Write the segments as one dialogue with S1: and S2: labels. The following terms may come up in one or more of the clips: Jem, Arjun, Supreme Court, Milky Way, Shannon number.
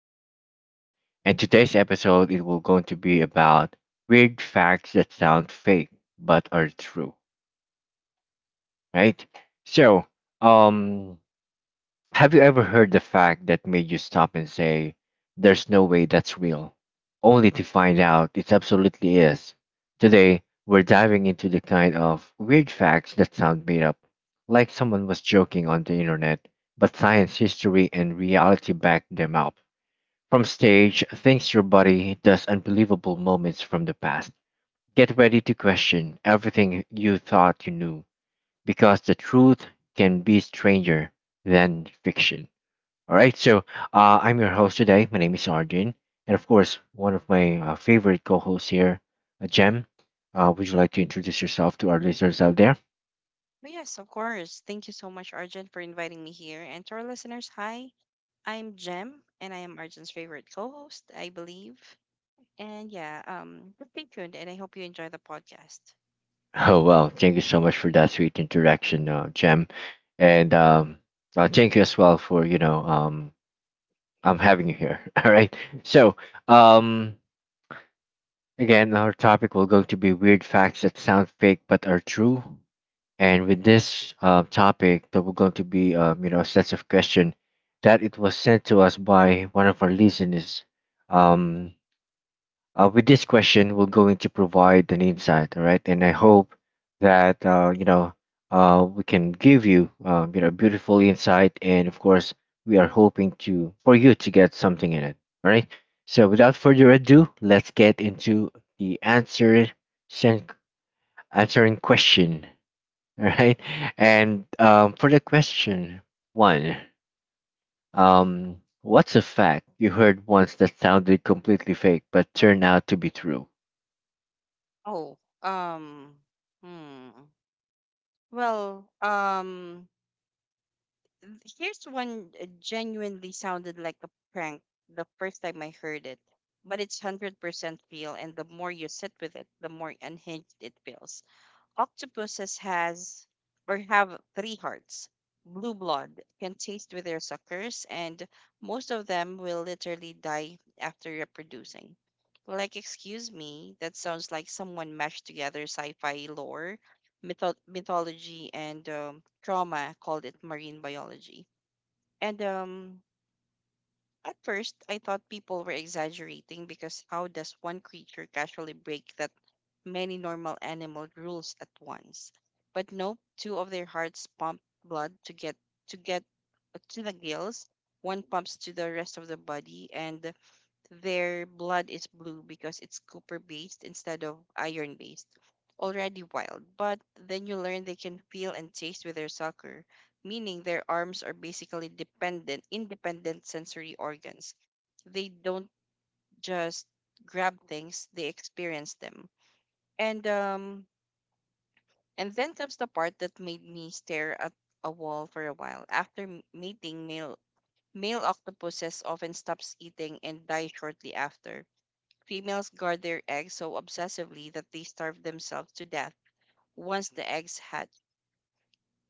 S1: podcast. And today's episode it will going to be about weird facts that sound fake but are true, right? So, um have you ever heard the fact that made you stop and say, there's no way that's real? Only to find out it absolutely is. Today we're diving into the kind of weird facts that sound made up, like someone was joking on the internet, but science, history, and reality back them up. From stage, thinks your body does unbelievable moments from the past. Get ready to question everything you thought you knew because the truth can be stranger than fiction. All right, so I'm your host today. My name is Arjun, and of course, one of my favorite co hosts here, Jem. Would you like to introduce yourself to our listeners out there?
S2: Oh yes, of course. Thank you so much, Arjun, for inviting me here. And to our listeners, hi, I'm Jem, and I am Arjun's favorite co host, I believe. And yeah, just stay tuned, and I hope you enjoy the podcast.
S1: Oh, well, thank you so much for that sweet interaction, Jem. And thank you as well for, I'm having you here. All right. So um Again, our topic will going to be weird facts that sound fake but are true. And with this topic, there will going to be you know a sets of question that it was sent to us by one of our listeners. Um, with this question we're going to provide an insight, all right, and I hope that you know we can give you you know beautiful insight, and of course we are hoping to for you to get something in it, all right. So without further ado, let's get into the answer sen- answering question. All right. And for the question one, um, what's a fact you heard once that sounded completely fake but turned out to be true?
S2: Oh, hmm. Well, here's one genuinely sounded like a prank the first time I heard it, but it's 100% real, and the more you sit with it, the more unhinged it feels. Octopuses has or have three hearts. Blue blood can taste with their suckers, and most of them will literally die after reproducing. Like, excuse me, that sounds like someone mashed together sci-fi lore, mythology, and trauma called it marine biology. And At first, I thought people were exaggerating because how does one creature casually break that many normal animal rules at once. But nope, two of their hearts pump blood to get to the gills, one pumps to the rest of the body, and their blood is blue because it's copper based instead of iron based. Already wild, but then you learn they can feel and taste with their sucker, meaning their arms are basically independent sensory organs. They don't just grab things, they experience them. And um, and then comes the part that made me stare at a wall for a while. After mating, male octopuses often stops eating and die shortly after. Females guard their eggs so obsessively that they starve themselves to death once the eggs hatch.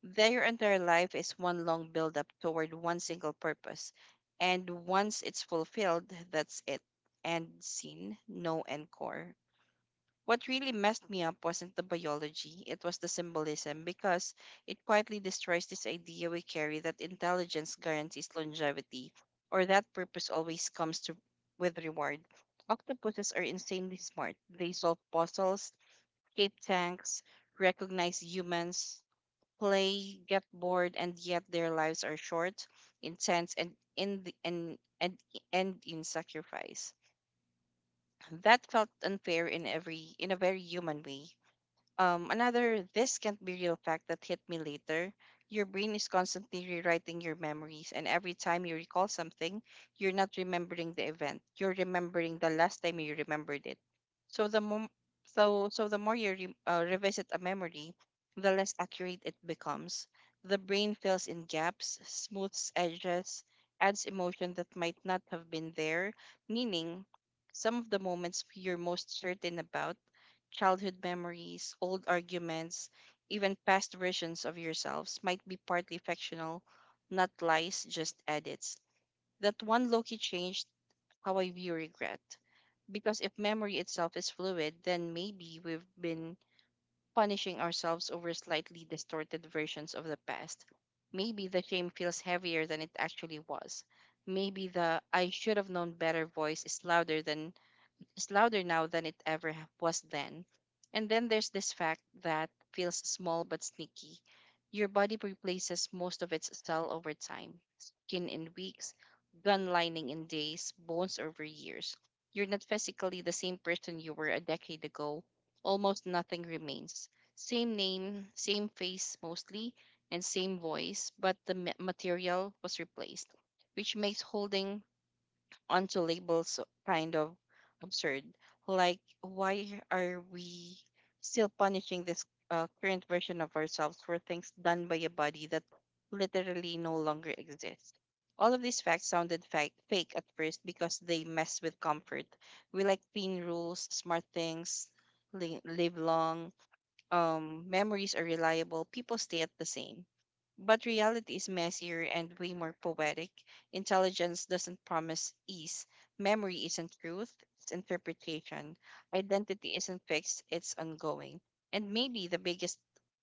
S2: Their entire life is one long buildup toward one single purpose. And once it's fulfilled, that's it. End scene, no encore. What really messed me up wasn't the biology, it was the symbolism because it quietly destroys this idea we carry that intelligence guarantees longevity or that purpose always comes to with reward. Octopuses are insanely smart. They solve puzzles, escape tanks, recognize humans, play, get bored, and yet their lives are short, intense, and end in sacrifice. That felt unfair in every in a very human way. Another this can't be real fact that hit me later. Your brain is constantly rewriting your memories, and every time you recall something, you're not remembering the event. You're remembering the last time you remembered it. So the mom- so the more you revisit a memory, the less accurate it becomes. The brain fills in gaps, smooths edges, adds emotion that might not have been there. Meaning, some of the moments you're most certain about, childhood memories, old arguments, even past versions of yourselves, might be partly fictional, not lies, just edits. That one Loki changed how I view regret. Because if memory itself is fluid, then maybe we've been punishing ourselves over slightly distorted versions of the past. Maybe the shame feels heavier than it actually was. Maybe the I should have known better voice is louder now than it ever was then. And then there's this fact that feels small but sneaky. Your body replaces most of its cell over time, skin in weeks, gun lining in days, bones over years. You're not physically the same person you were a decade ago. Almost nothing remains. Same name, same face mostly, and same voice, but the material was replaced, which makes holding onto labels kind of absurd. Like, why are we still punishing this current version of ourselves for things done by a body that literally no longer exists? All of these facts sounded fake at first because they mess with comfort. We like clean rules, smart things, live long, memories are reliable, people stay at the same. But reality is messier and way more poetic. Intelligence doesn't promise ease. Memory isn't truth, it's interpretation. Identity isn't fixed, it's ongoing. And maybe the biggest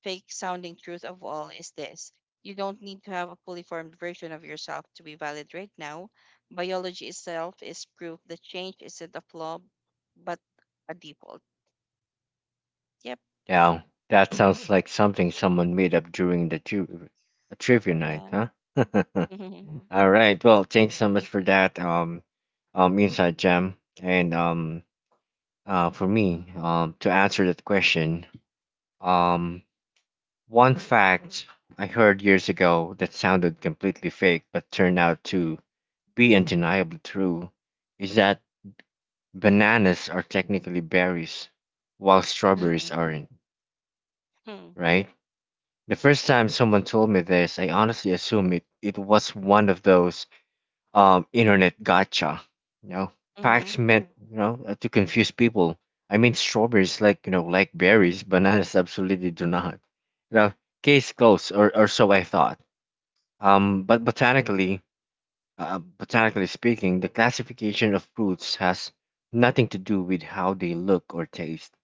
S2: fake sounding truth of all is this: you don't need to have a fully formed version of yourself to be valid right now. Biology itself is proof that change isn't a flaw, but a default. Yep.
S1: Yeah, that sounds like something someone made up during the a trivia night,
S2: Yeah.
S1: huh? All right. Well, thanks so much for that inside Gem. And for me to answer that question, um one fact I heard years ago that sounded completely fake but turned out to be undeniably true is that bananas are technically berries while strawberries aren't,
S2: Hmm.
S1: right? The first time someone told me this, I honestly assumed it was one of those internet gotcha, you know,
S2: Mm-hmm.
S1: facts meant, you know, to confuse people. I mean, strawberries like, you know, like berries, bananas absolutely do not. You know, case closed, or so I thought. But botanically speaking, the classification of fruits has nothing to do with how they look or taste.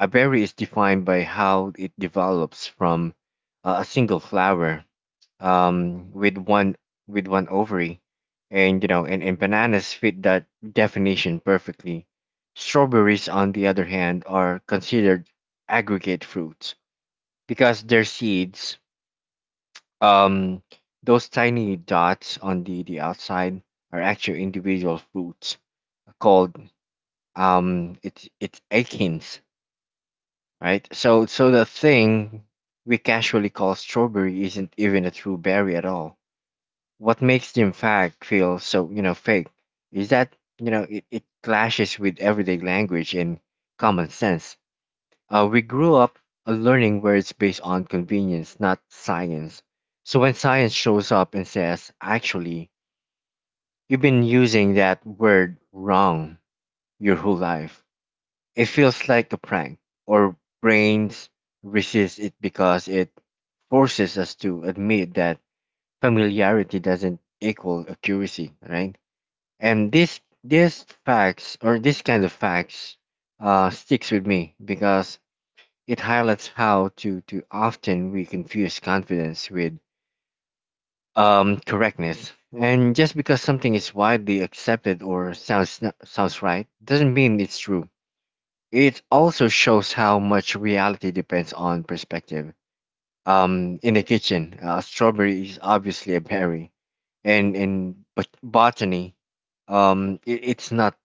S1: A berry is defined by how it develops from a single flower um, with one with one ovary, and you know, and bananas fit that definition perfectly. Strawberries, on the other hand, are considered aggregate fruits because their seeds, um, those tiny dots on the outside, are actual individual fruits called it's akins, right? So the thing we casually call strawberry isn't even a true berry at all. What makes the fact feel so you know fake is that you know it clashes with everyday language and common sense. We grew up learning words based on convenience, not science. So when science shows up and says, actually, you've been using that word wrong your whole life, it feels like a prank, or brains resist it because it forces us to admit that familiarity doesn't equal accuracy, right? And this facts, or this kind of facts, sticks with me because it highlights how to often we confuse confidence with correctness. And just because something is widely accepted or sounds sounds right doesn't mean it's true. It also shows how much reality depends on perspective. In the kitchen, strawberry is obviously a berry, and in botany, it's not.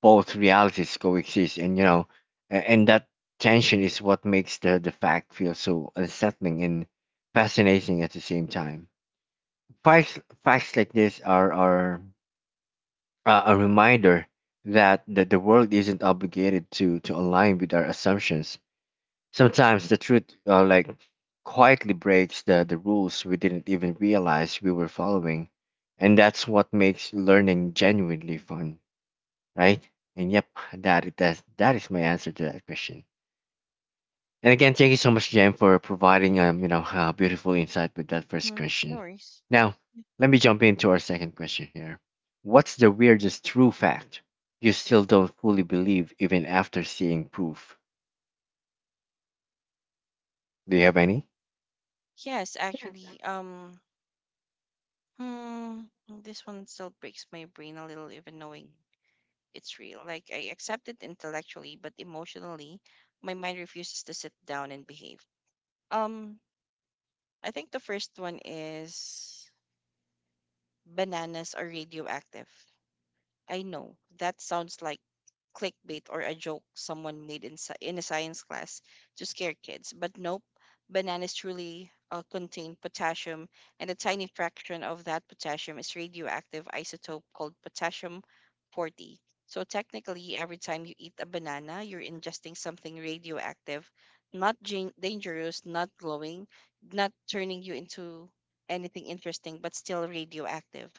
S1: Both realities coexist, and you know, and that tension is what makes the fact feel so unsettling and fascinating at the same time. Facts like this are a reminder that the world isn't obligated to align with our assumptions. Sometimes the truth like quietly breaks the rules we didn't even realize we were following, and that's what makes learning genuinely fun, right? And yep, that is my answer to that question. And again, thank you so much, Jen, for providing you know beautiful insight with that first
S2: Hmm. No
S1: question.
S2: worries.
S1: Now, let me jump into our second question here. What's the weirdest true fact you still don't fully believe even after seeing proof? Do you have any?
S2: Yes, actually, hmm, this one still breaks my brain a little, even knowing it's real. Like, I accept it intellectually, but emotionally, my mind refuses to sit down and behave. Um, I think the first one is bananas are radioactive. I know that sounds like clickbait or a joke someone made in a science class to scare kids. But nope, bananas truly contain potassium, and a tiny fraction of that potassium is radioactive isotope called potassium 40. So technically, every time you eat a banana, you're ingesting something radioactive, not dangerous, not glowing, not turning you into anything interesting, but still radioactive.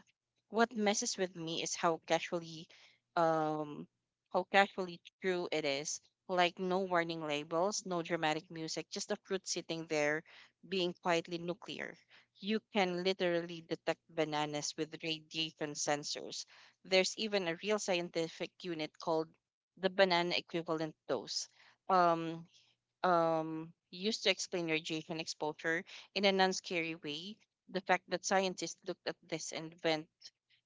S2: What messes with me is um how casually true it is. Like no warning labels, no dramatic music, just a fruit sitting there being quietly nuclear. You can literally detect bananas with radiation sensors. There's even a real scientific unit called the banana equivalent dose, um used to explain radiation exposure in a non-scary way. The fact that scientists looked at this and went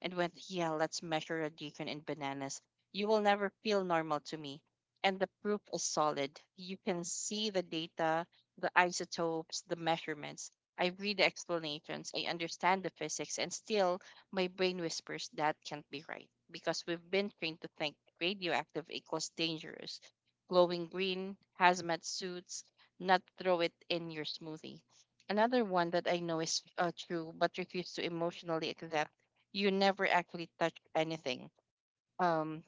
S2: and went, yeah, let's measure radiation in bananas. You will never feel normal to me. And the proof is solid. You can see the data, the isotopes, the measurements. I read the explanations. I understand the physics, and still my brain whispers that can't be right, because we've been trained to think radioactive equals dangerous, glowing green, hazmat suits, not throw it in your smoothie. Another one that I know is true but refuse to emotionally accept: you never actually touch anything. Um,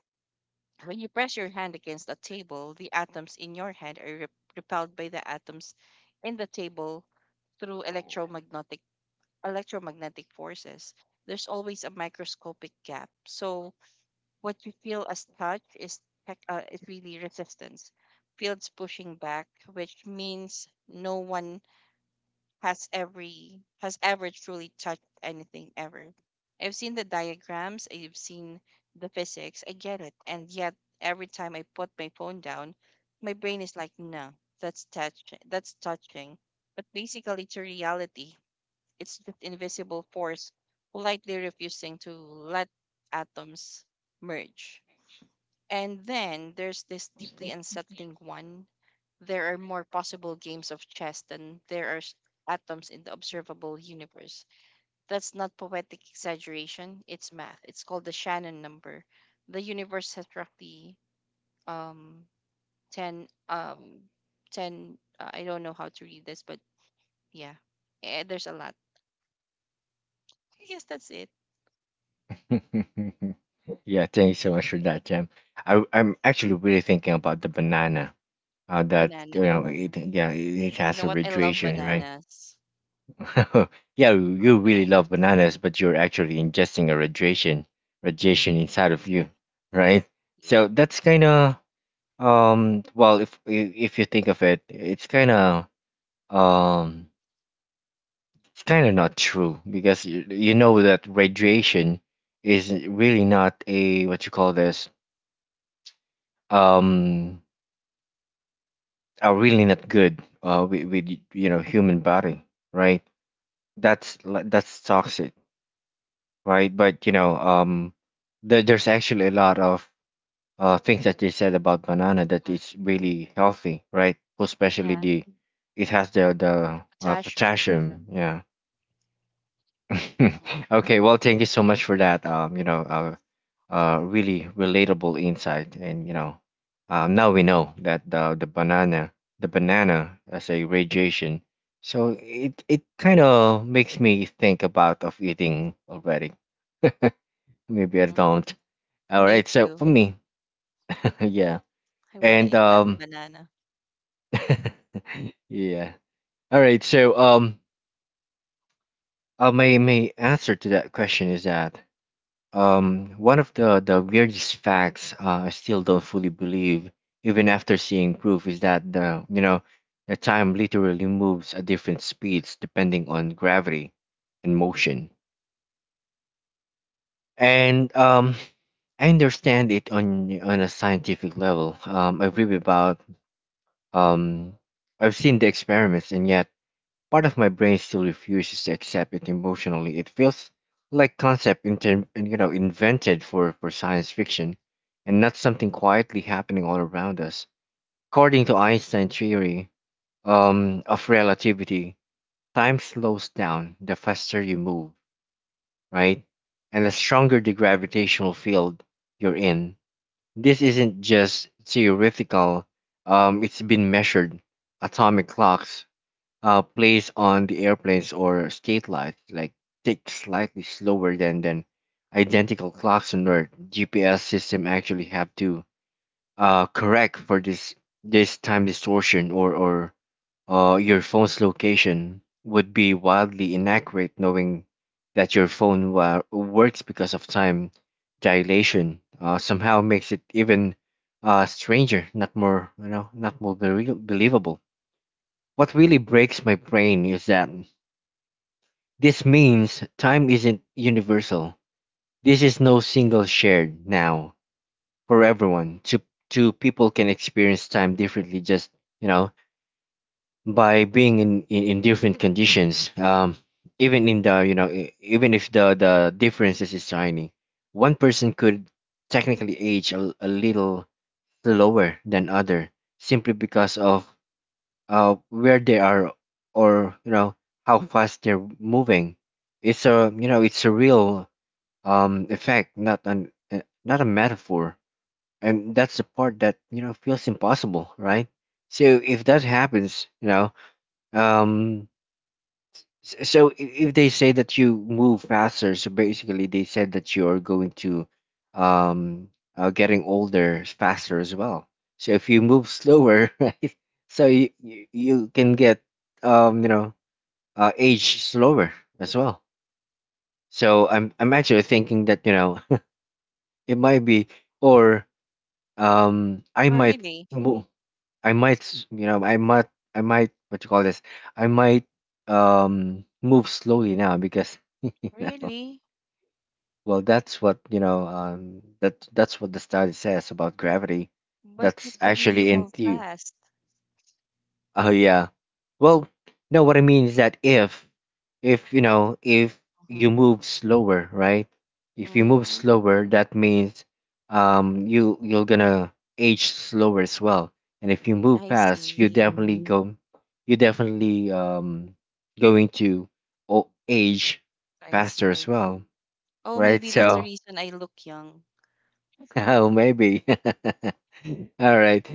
S2: when you press your hand against a table, the atoms in your hand are repelled by the atoms in the table through electromagnetic forces. There's always a microscopic gap. So what you feel as touch is really resistance, fields pushing back, which means no one has ever truly touched anything ever. I've seen the diagrams, I've seen the physics, I get it, and yet every time I put my phone down, my brain is like, no, that's touch, that's touching. But basically, it's a reality, it's just invisible force politely refusing to let atoms merge. And then there's this deeply unsettling one. There are more possible games of chess than there are atoms in the observable universe. That's not poetic exaggeration, it's math. It's called the Shannon number. The universe has roughly um 10 10 I don't know how to read this, but yeah. Eh, there's a lot. I guess that's it.
S1: Yeah, thank you so much for that, Jem. I'm actually really thinking about the banana. How that you
S2: Banana.
S1: know it, yeah, it
S2: You
S1: has
S2: know
S1: a
S2: what? I love
S1: radiation, right?
S2: bananas.
S1: Yeah,
S2: I love
S1: you really love
S2: bananas.
S1: bananas, but you're actually ingesting a radiation inside of
S2: Yeah.
S1: you, right?
S2: Yeah.
S1: So that's kind of well, if if you think of it, um it's kind of not true because you know that radiation is really not a what you call this, um are really not good with you know human body, right? That's that's toxic, right? But you know, there's actually a lot of things that they said about banana that
S2: Hmm.
S1: it's really healthy, right? Especially
S2: Yeah.
S1: the it has the
S2: Potassium.
S1: potassium. Yeah.
S2: Mhm.
S1: Okay. Well, thank you so much for that. You know, really relatable insight, and you know, now we know that the banana, the banana as a radiation. So it kind of makes me think about of eating already. Maybe I
S2: Mhm.
S1: don't. All
S2: Me
S1: right, so
S2: too.
S1: for me, yeah,
S2: I wanna
S1: and
S2: eat that banana.
S1: yeah. All right, so my my answer to that question is that one of the weirdest facts I still don't fully believe, even after seeing proof, is that the you know the time literally moves at different speeds depending on gravity and motion. And I understand it on a scientific level. I read about Um, I've seen the experiments, and yet part of my brain still refuses to accept it emotionally. It feels like concept you know invented for science fiction, and not something quietly happening all around us. According to Einstein's theory of relativity, time slows down the faster you move, right? And the stronger the gravitational field you're in. This isn't just theoretical. It's been measured. Atomic clocks plays on the airplanes or state lights like tick slightly slower than identical klaxon or GPS system actually have to correct for this time distortion, or your phone's location would be wildly inaccurate. Knowing that your phone works because of time dilation somehow makes it even stranger, not more you know not more believable. What really breaks my brain is that this means time isn't universal. This is no single shared now for everyone. Two people can experience time differently just, you know, by being in different conditions. Even in the, you know, even if the differences is tiny, one person could technically age a little slower than other, simply because of where they are, or, you know, how fast they're moving. It's a, you know, it's a real effect, not an not a metaphor, and that's the part that you know feels impossible, right? So if that happens, you know, um so if they say that you move faster, so basically they said that you are going to um getting older faster as well. So if you move slower, right? So you can get you know age slower as well. So I'm actually thinking that you know it might be, or I
S2: Oh,
S1: might
S2: really?
S1: mo- I might you know I might I might what you call this, I might move slowly now because you know
S2: Really?
S1: well that's what you know that that's what the study says about gravity.
S2: But you
S1: That's
S2: told me you
S1: actually in
S2: move
S1: the
S2: fast.
S1: Oh yeah. Well, no, what I mean is that if you know, if
S2: Mhm.
S1: you move slower, right? If you move
S2: Mm.
S1: slower, that means you you're gonna age slower as well. And if you move
S2: I
S1: fast, you
S2: see.
S1: definitely Mhm. go, you definitely going to age
S2: I
S1: faster
S2: see.
S1: as well,
S2: Oh,
S1: right?
S2: maybe that's the
S1: So
S2: reason I look young.
S1: Oh, maybe. All right.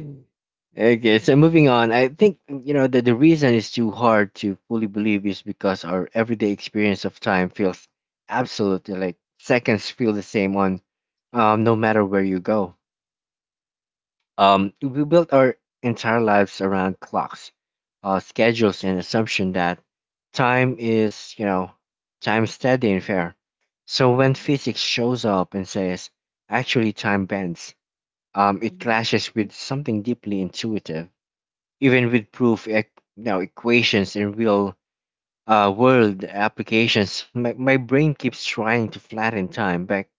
S1: Okay, so moving on. I think, you know, that the reason it's too hard to fully believe is because our everyday experience of time feels absolutely, like seconds feel the same on no matter where you go. We built our entire lives around clocks, schedules, and assumption that time is, you know, time steady and fair. So when
S2: Mhm.
S1: physics shows up and says, actually, time bends it
S2: Mhm.
S1: clashes with something deeply intuitive, even with equations in real world applications. My brain keeps trying to flatten time back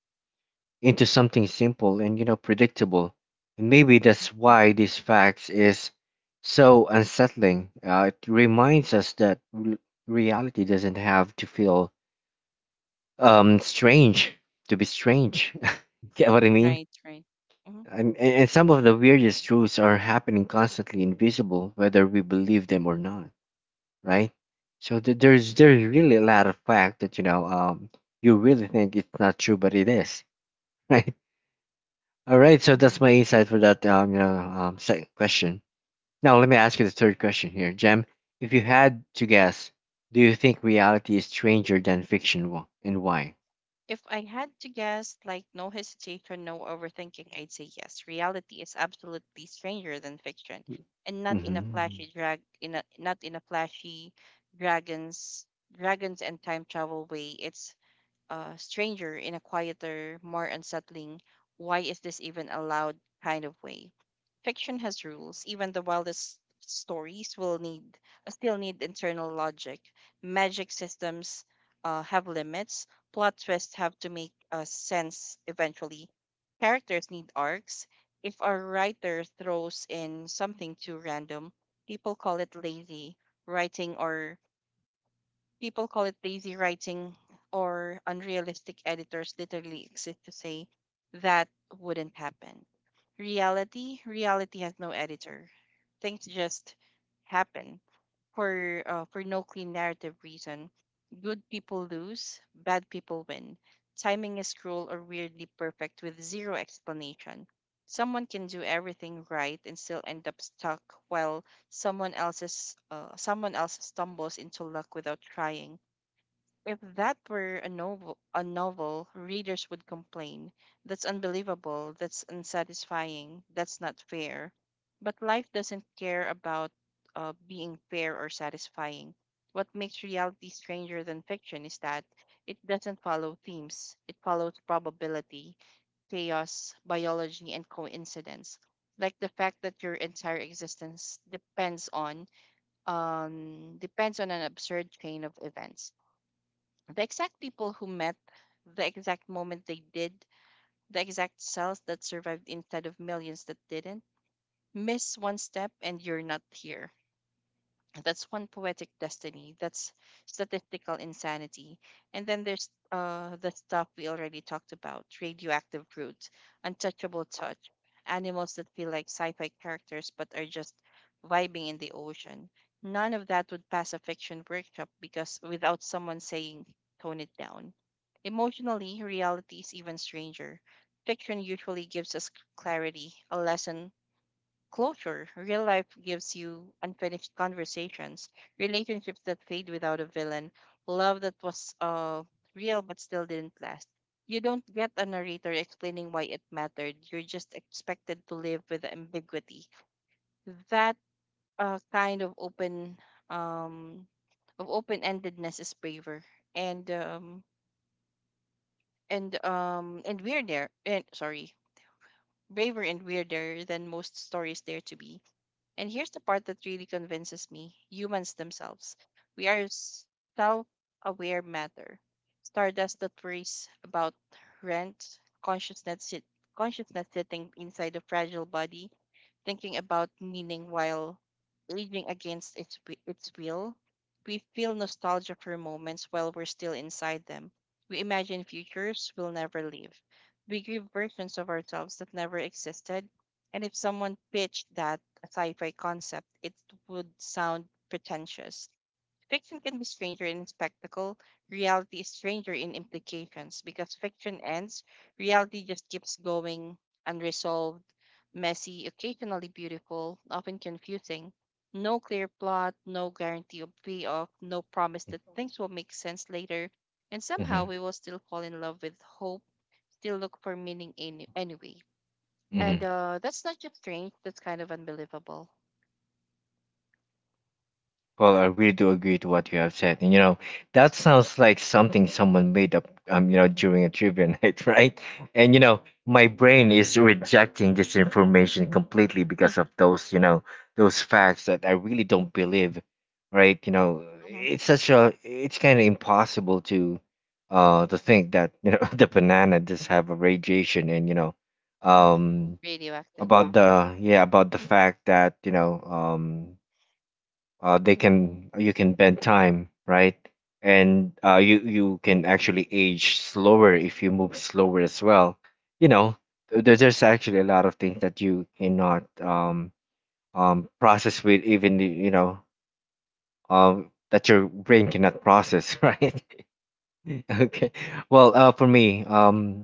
S1: into something simple and predictable, and maybe that's
S2: Mhm.
S1: why this fact is so unsettling. It reminds us that reality doesn't have to feel strange to be strange. Get what I mean?
S2: Right, right. Mhm.
S1: And some of the weirdest truths are happening constantly, invisible, whether we believe them or not, right? So there's really a lot of fact that you really think it's not true, but it is, right? All right, so
S2: Mhm.
S1: that's my insight for that second question. Now let me ask you the third question here, Jem. If you had to guess, do you think reality is stranger than fiction, and why?
S2: If I had to guess, like no hesitation, no overthinking, I'd say yes. Reality is absolutely stranger than fiction, and not in a
S1: Mm-hmm.
S2: flashy dragons, dragons and time travel way. It's stranger in a quieter, more unsettling, why is this even allowed kind of way. Fiction has rules. Even the wildest stories will need still need internal logic. Magic systems have limits. Plot twists have to make sense eventually. Characters need arcs. If a writer throws in something too random, people call it lazy writing People call it lazy writing or unrealistic. Editors literally exist to say that wouldn't happen. Reality has no editor. Things just happen for no clean narrative reason. Good people lose, bad people win. Timing is cruel or weirdly perfect with zero explanation. Someone can do everything right and still end up stuck, while someone else stumbles into luck without trying. If that were a novel, readers would complain. That's unbelievable. That's unsatisfying. That's not fair. But life doesn't care about being fair or satisfying. What makes reality stranger than fiction is that it doesn't follow themes. It follows probability, chaos, biology, and coincidence. Like the fact that your entire existence depends on an absurd chain of events, the exact people who met, the exact moment they did, the exact cells that survived instead of millions that didn't. Miss one step and you're not here. That's one poetic destiny, that's statistical insanity. And then there's the stuff we already talked about: radioactive brute, untouchable touch, animals that feel like sci-fi characters but are just vibing in the ocean. None of that would pass a fiction workshop, because without someone saying tone it down emotionally, reality is even stranger. Fiction usually gives us clarity, a lesson, closure. Real life gives you unfinished conversations, relationships that fade without a villain, love that was real but still didn't last. You don't get a narrator explaining why it mattered. You're just expected to live with ambiguity. That kind of um, open-endedness is braver and um, and weirder and sorry braver and weirder than most stories dare to be. And here's the part that really convinces me humans themselves. We are self aware matter. Stardust that worries about rent, consciousness, consciousness sitting inside a fragile body, thinking about meaning while aging against its will. We feel nostalgia for moments while we're still inside them. We imagine futures we'll never live. We give versions of ourselves that never existed. And if someone pitched that sci fi concept, it would sound pretentious. Fiction can be stranger in spectacle, reality is stranger in implications because fiction ends, reality just keeps going unresolved, messy, occasionally beautiful, often confusing. No clear plot, no guarantee of payoff, no promise that things will make sense later, and somehow we will still fall in love with hope, still look for meaning anyway. And
S1: Mm-hmm.
S2: uh, that's not just strange, that's kind of unbelievable.
S1: Well, I really do agree to what you have said. And, that sounds like something someone made up, during a trivia night, right? And, my brain is rejecting this information completely because of those, those facts that I really don't believe, right?
S2: Mhm.
S1: It's such it's kind of impossible to think that, the banana does have a radiation and,
S2: Mhm.
S1: um,
S2: Radioactive.
S1: about the, yeah, about the fact that, they can you can bend time, right? And you can actually age slower if you move slower as well, you know there, there's actually a lot of things that you cannot process with even that your brain cannot process, right? Okay, well for me,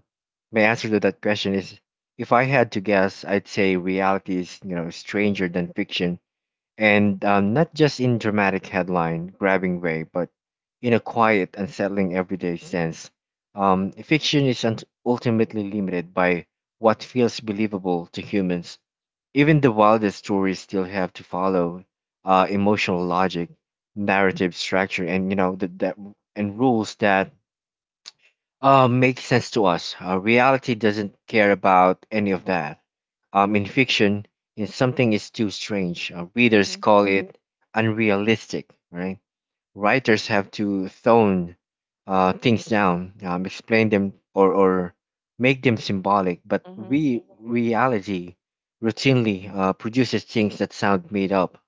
S1: my answer to that question is, if I had to guess, I'd say reality is, stranger than fiction, and not just in dramatic headline grabbing way, but in a quiet, unsettling everyday sense. Fiction is ultimately limited by what feels believable to humans. Even the wildest stories still have to follow emotional logic, narrative structure, and you know the, that and rules that makes sense to us. Reality doesn't care about any of that. In fiction, if something is too strange, readers
S2: Mm-hmm.
S1: call it unrealistic, right? Writers have to tone things down, explain them, or make them symbolic. But
S2: Mm-hmm.
S1: reality routinely produces things that sound made up.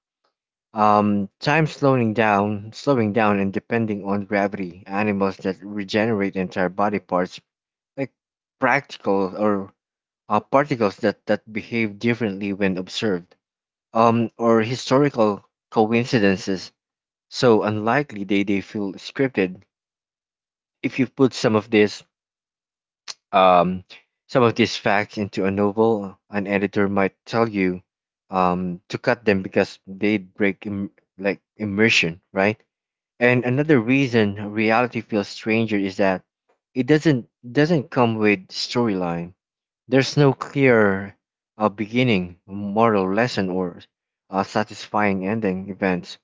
S1: Time slowing down, and depending on gravity, animals that regenerate entire body parts like practical or particles that behave differently when observed, or historical coincidences so unlikely they feel scripted. If you put some of this um, some of these facts into a novel, an editor might tell you to cut them because they break immersion, right? And another reason reality feels stranger is that it doesn't come with storyline. There's no clear beginning, moral lesson, or satisfying ending. Events,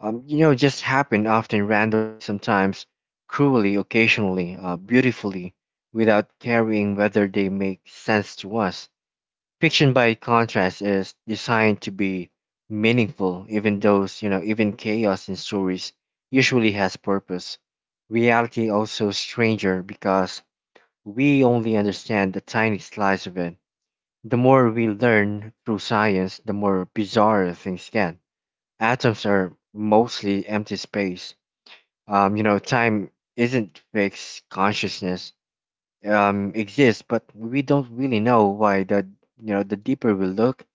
S1: just happen often randomly, sometimes cruelly, occasionally beautifully, without caring whether they make sense to us. Fiction, by contrast, is designed to be meaningful, even even chaos in stories usually has purpose. Reality also stranger because we only understand the tiny slice of it. The more we learn through science, the more bizarre things get. Atoms are mostly empty space. Time isn't fixed. Consciousness exists, but we don't really know why. The deeper we look,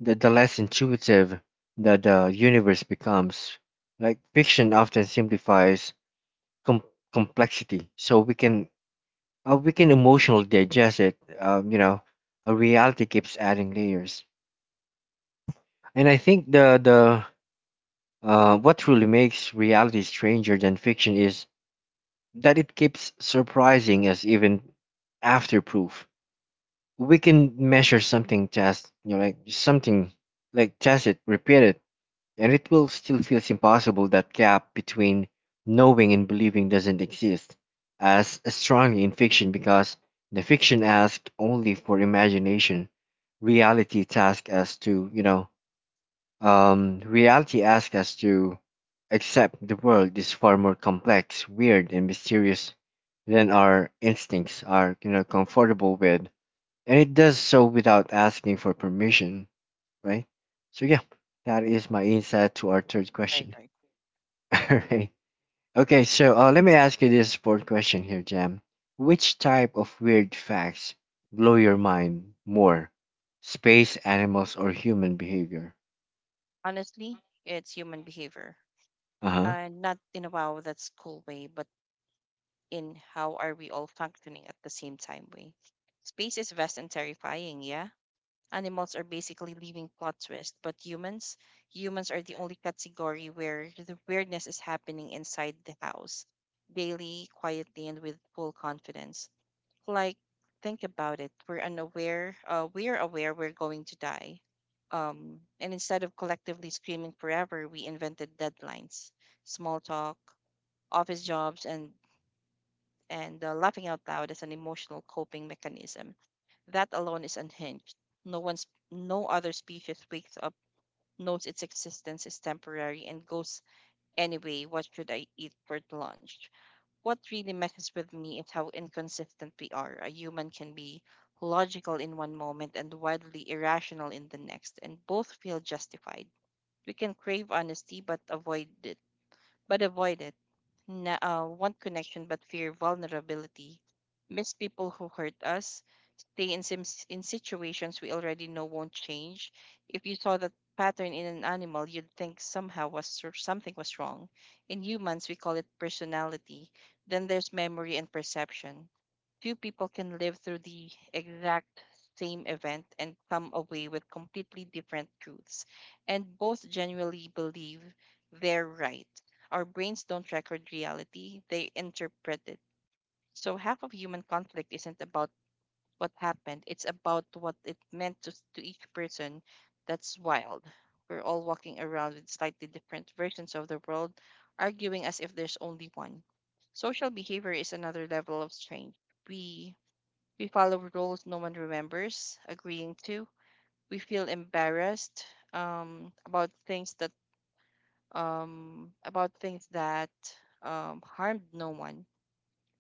S1: the less intuitive the universe becomes. Like fiction often simplifies com- complexity, so we can emotionally digest it. A reality keeps adding layers. And I think the what truly makes reality stranger than fiction is that it keeps surprising us even after proof. We can measure something, test you know, like something, like test it, repeat it, and it will still feels impossible. That gap between knowing and believing doesn't exist as strongly in fiction because the fiction asks only for imagination. Reality tasks us to you know Reality asks us to accept the world is far more complex, weird, and mysterious than our instincts are, comfortable with, and it does so without asking for permission, right? So yeah, that is my insight to our third
S2: Right,
S1: question.
S2: right.
S1: All right. Okay, so let me ask you this fourth question here, Jam. Which type of weird facts blow your mind more? Space, animals, or human behavior?
S2: Honestly, it's human behavior.
S1: Uh huh.
S2: And not in a wow, that's cool way, but in how are we all functioning at the same time way. Space is vast and terrifying, yeah? Animals are basically living plot twist, but humans are the only category where the weirdness is happening inside the house, daily, quietly, and with full confidence. Like, think about it. We're aware we're going to die, and instead of collectively screaming forever, we invented deadlines, small talk, office jobs, and laughing out loud as an emotional coping mechanism. That alone is unhinged. No other species wakes up, knows its existence is temporary, and goes, anyway, what should I eat for lunch? What really messes with me is how inconsistent we are. A human can be logical in one moment and wildly irrational in the next, and both feel justified. We can crave honesty but avoid it. But avoid it. Want connection but fear vulnerability. Miss people who hurt us, stay in situations we already know won't change. If you saw that pattern in an animal, you'd think somehow was or something was wrong. In humans, we call it personality. Then there's memory and perception. Few people can live through the exact same event and come away with completely different truths, and both genuinely believe they're right. Our brains don't record reality, they interpret it. So half of human conflict isn't about what happened. It's about what it meant to each person. That's wild. We're all walking around with slightly different versions of the world, arguing as if there's only one. Social behavior is another level of strange. We we follow rules no one remembers agreeing to. We feel embarrassed about things that um, about things that harmed no one.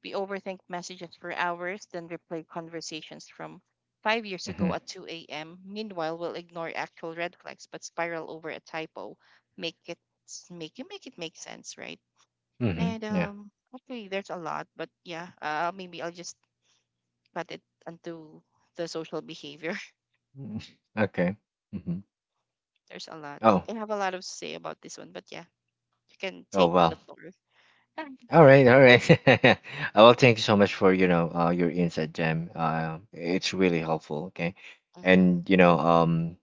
S2: We overthink messages for hours, then replay conversations from 5 years ago
S1: Mm-hmm.
S2: at 2 a.m. Meanwhile, we'll ignore actual red flags but spiral over a typo. Make it make it make sense, right? And
S1: Mm-hmm.
S2: actually, there's a lot, but yeah, maybe I'll just cut it onto the social behavior.
S1: Mm. Okay. Hmm.
S2: There's a lot.
S1: Oh.
S2: I have a lot of say about this one, but yeah, you can
S1: Oh
S2: take
S1: well.
S2: the floor.
S1: All right. All right. Well, thank you so much for your insight, Jam. It's really helpful. Okay,
S2: Mm-hmm.
S1: and you know um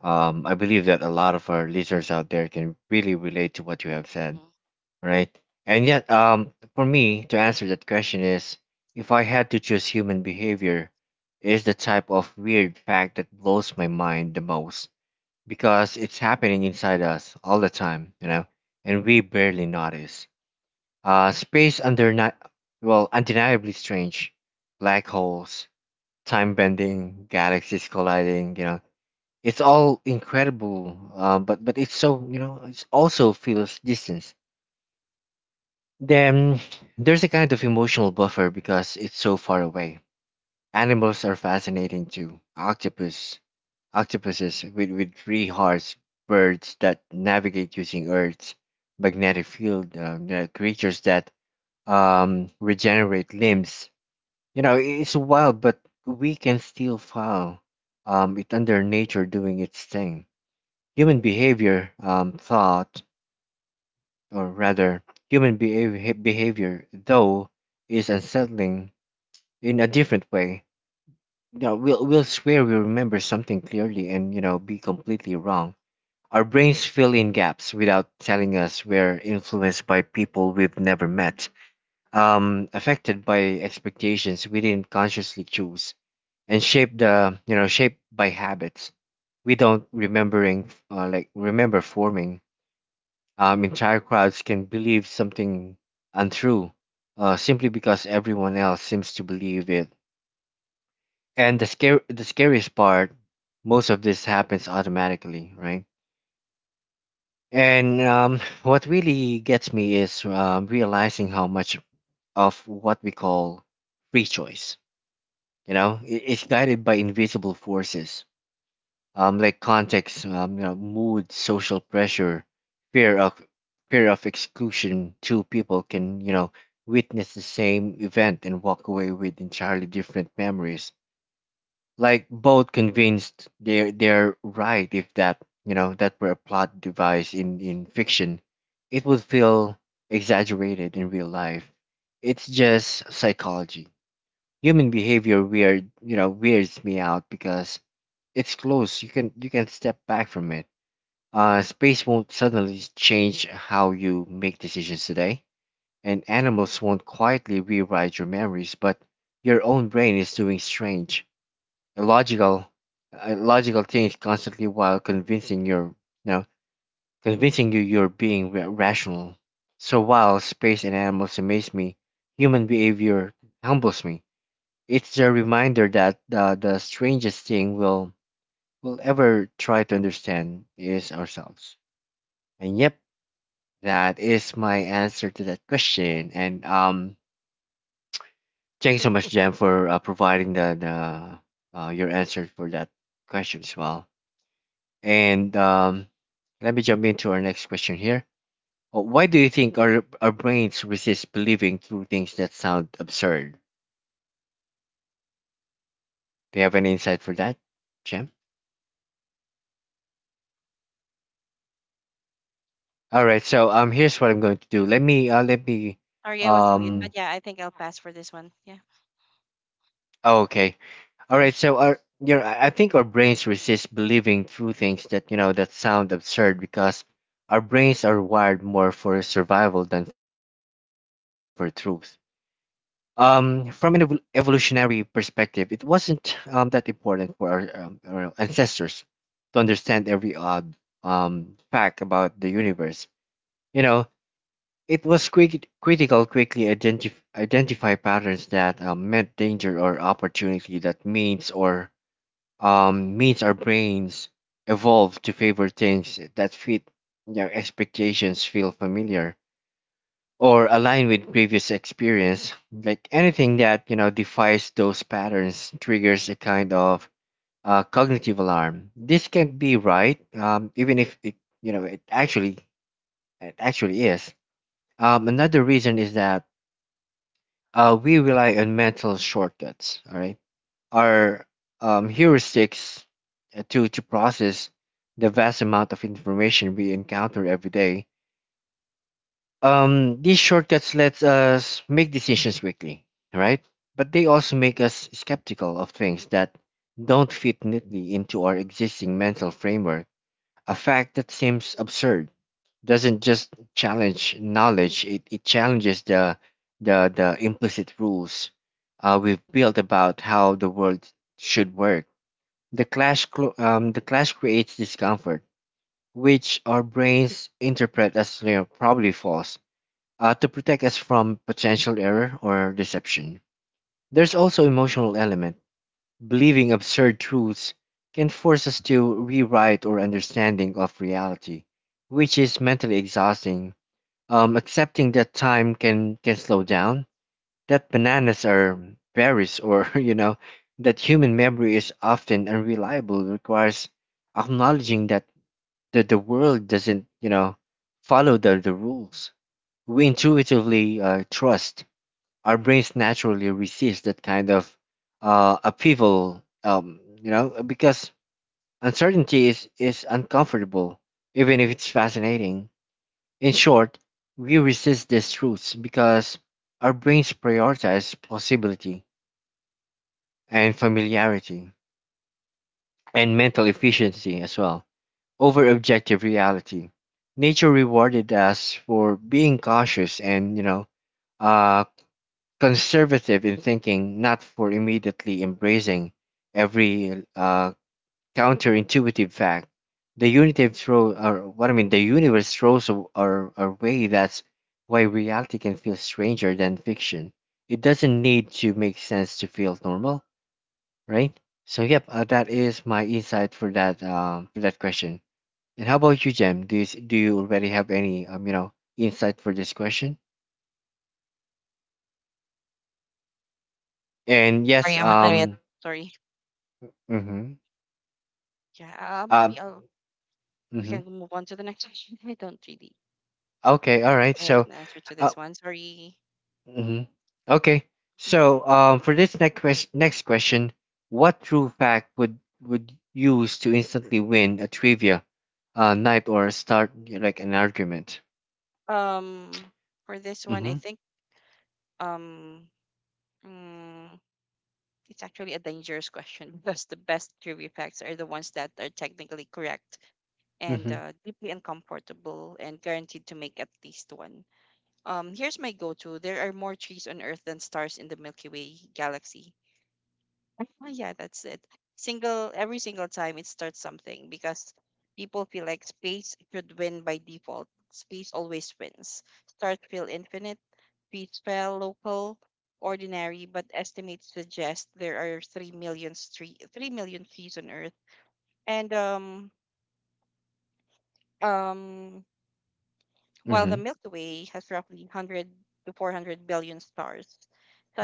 S1: um I believe that a lot of our listeners out there can really relate to what you have said.
S2: Mm-hmm.
S1: All right. And yet, for me to answer that question is, if I had to choose, human behavior is the type of weird fact that blows my mind the most, because it's happening inside us all the time, and we barely notice. Uh, space under ni- well, undeniably strange, black holes, time bending, galaxies colliding, it's all incredible. But it's so, it also feels distance. Then there's a kind of emotional buffer because it's so far away. Animals are fascinating too. Octopuses with three hearts, birds that navigate using Earth's magnetic field, you creatures that regenerate limbs. It's wild, but we can still file it under nature doing its thing. Human behavior, um, thought, or rather, Human behavior, though, is unsettling in a different way. We'll swear we remember something clearly and, be completely wrong. Our brains fill in gaps without telling us. We're influenced by people we've never met, affected by expectations we didn't consciously choose, and shaped, shaped by habits we don't remember forming. Entire crowds can believe something untrue simply because everyone else seems to believe it. And the scariest part, most of this happens automatically, right? And what really gets me is, realizing how much of what we call free choice, I- is guided by invisible forces, like context, mood, social pressure, fear of fear of exclusion. Two people can, witness the same event and walk away with entirely different memories, like both convinced they're right. If that, that were a plot device in fiction, it would feel exaggerated. In real life, it's just psychology. Human behavior weirds me out because it's close. You can, step back from it. Space won't suddenly change how you make decisions today, and animals won't quietly rewrite your memories, but your own brain is doing strange, a logical a logical thing, is constantly, while you know convincing you you're being rational. So while space and animals amaze me, human behavior humbles me. It's a reminder that the strangest thing we'll ever try to understand is ourselves. And yep, that is my answer to that question. And thanks so much, Jen, for providing the your answer for that question as well. And let me jump into our next question here. Why do you think our brains resist believing through things that sound absurd? Do you have any insight for that, Jim? All right. So here's what I'm going to do. Let me
S2: Sorry, I wasn't mute, but
S1: um.
S2: yeah, I think I'll pass for this one. Yeah,
S1: oh, okay. All
S2: sorry.
S1: right. So our, I think our brains resist believing through things that, that sound absurd because our brains are wired more for survival than for truth. From an evolutionary perspective, it wasn't that important for our ancestors to understand every odd fact about the universe. You know, it was critical quickly identify patterns that meant danger or opportunity. That means or Means our brains evolved to favor things that fit their expectations, feel familiar, or align with previous experience. Like anything that, defies those patterns triggers a kind of cognitive alarm. This can be right, even if it, it actually, it actually is. Another reason is that we rely on mental shortcuts. All right, our heuristics to process the vast amount of information we encounter every day. These shortcuts let us make decisions quickly, right? But they also make us skeptical of things that don't fit neatly into our existing mental framework. A fact that seems absurd doesn't just challenge knowledge; it challenges the implicit rules we've built about how the world should work. The clash creates discomfort, which our brains interpret as, you know, probably false, to protect us from potential error or deception. There's also emotional element. Believing absurd truths can force us to rewrite our understanding of reality, which is mentally exhausting. Accepting that time can slow down, that bananas are berries, or you know, that human memory is often unreliable requires acknowledging that the world doesn't, you know, follow the rules we intuitively trust. Our brains naturally resist that kind of upheaval, you know, because uncertainty is uncomfortable, even if it's fascinating. In short, we resist these truths because our brains prioritize possibility and familiarity and mental efficiency as well over objective reality. Nature rewarded us for being cautious and, you know, uh, conservative in thinking, not for immediately embracing every counterintuitive fact. The unitive throw, or what I mean, The universe throws our way. That's why reality can feel stranger than fiction. It doesn't need to make sense to feel normal, right? So, yep, that is my insight for that question. And how about you, Jem? Do you already have any you know insight for this question? And
S2: Sorry,
S1: yes,
S2: I'm on mute. Sorry.
S1: mm-hmm,
S2: Yeah, maybe
S1: uh,
S2: I'll we can
S1: mhm.
S2: move on to the next question. I don't really
S1: Okay, all
S2: I think
S1: right.
S2: I have
S1: So,
S2: an answer to
S1: uh,
S2: this one. Sorry.
S1: mhm, okay.
S2: Mm.
S1: So, for this next question, what true fact would use to instantly win a trivia night, or start like an argument?
S2: Um, for this one, I
S1: Mm-hmm.
S2: think um, mm, it's actually a dangerous question because the best trivia facts are the ones that are technically correct and
S1: Mm-hmm.
S2: deeply uncomfortable and guaranteed to make at least one. Here's my go to, there are more trees on Earth than stars in the Milky Way galaxy. Oh, yeah, that's it. Single every single time it starts something because people feel like space should win by default. Space always wins. Start feel infinite, peace fell local, ordinary, but estimates suggest there are 3 million trees on Earth. And um um While the
S1: Mm-hmm.
S2: Milky Way has roughly 100 to 400 billion stars,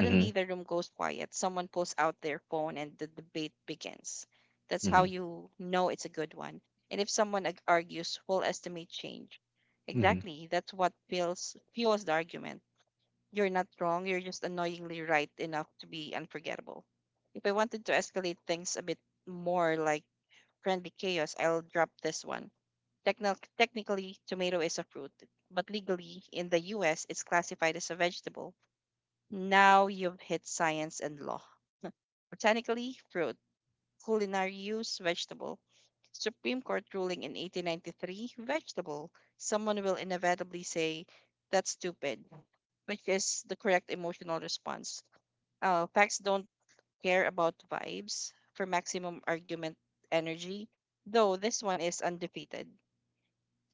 S1: Mm-hmm.
S2: the room goes quiet. Someone pulls out their phone and the debate begins. That's how
S1: Mm-hmm.
S2: you know it's a good one. And if someone argues, we'll estimate change.
S1: Mm-hmm.
S2: Exactly. That's what fuels the argument. You're not wrong. You're just annoyingly right enough to be unforgettable. If I wanted to escalate things a bit more like friendly chaos, I'll drop this one. Technically, tomato is a fruit, but legally in the US, it's classified as a vegetable. Now you've hit science and law. Botanically, fruit. Culinary use, vegetable. Supreme Court ruling in 1893, vegetable. Someone will inevitably say, that's stupid, which is the correct emotional response. Facts don't care about vibes for maximum argument energy, though this one is undefeated.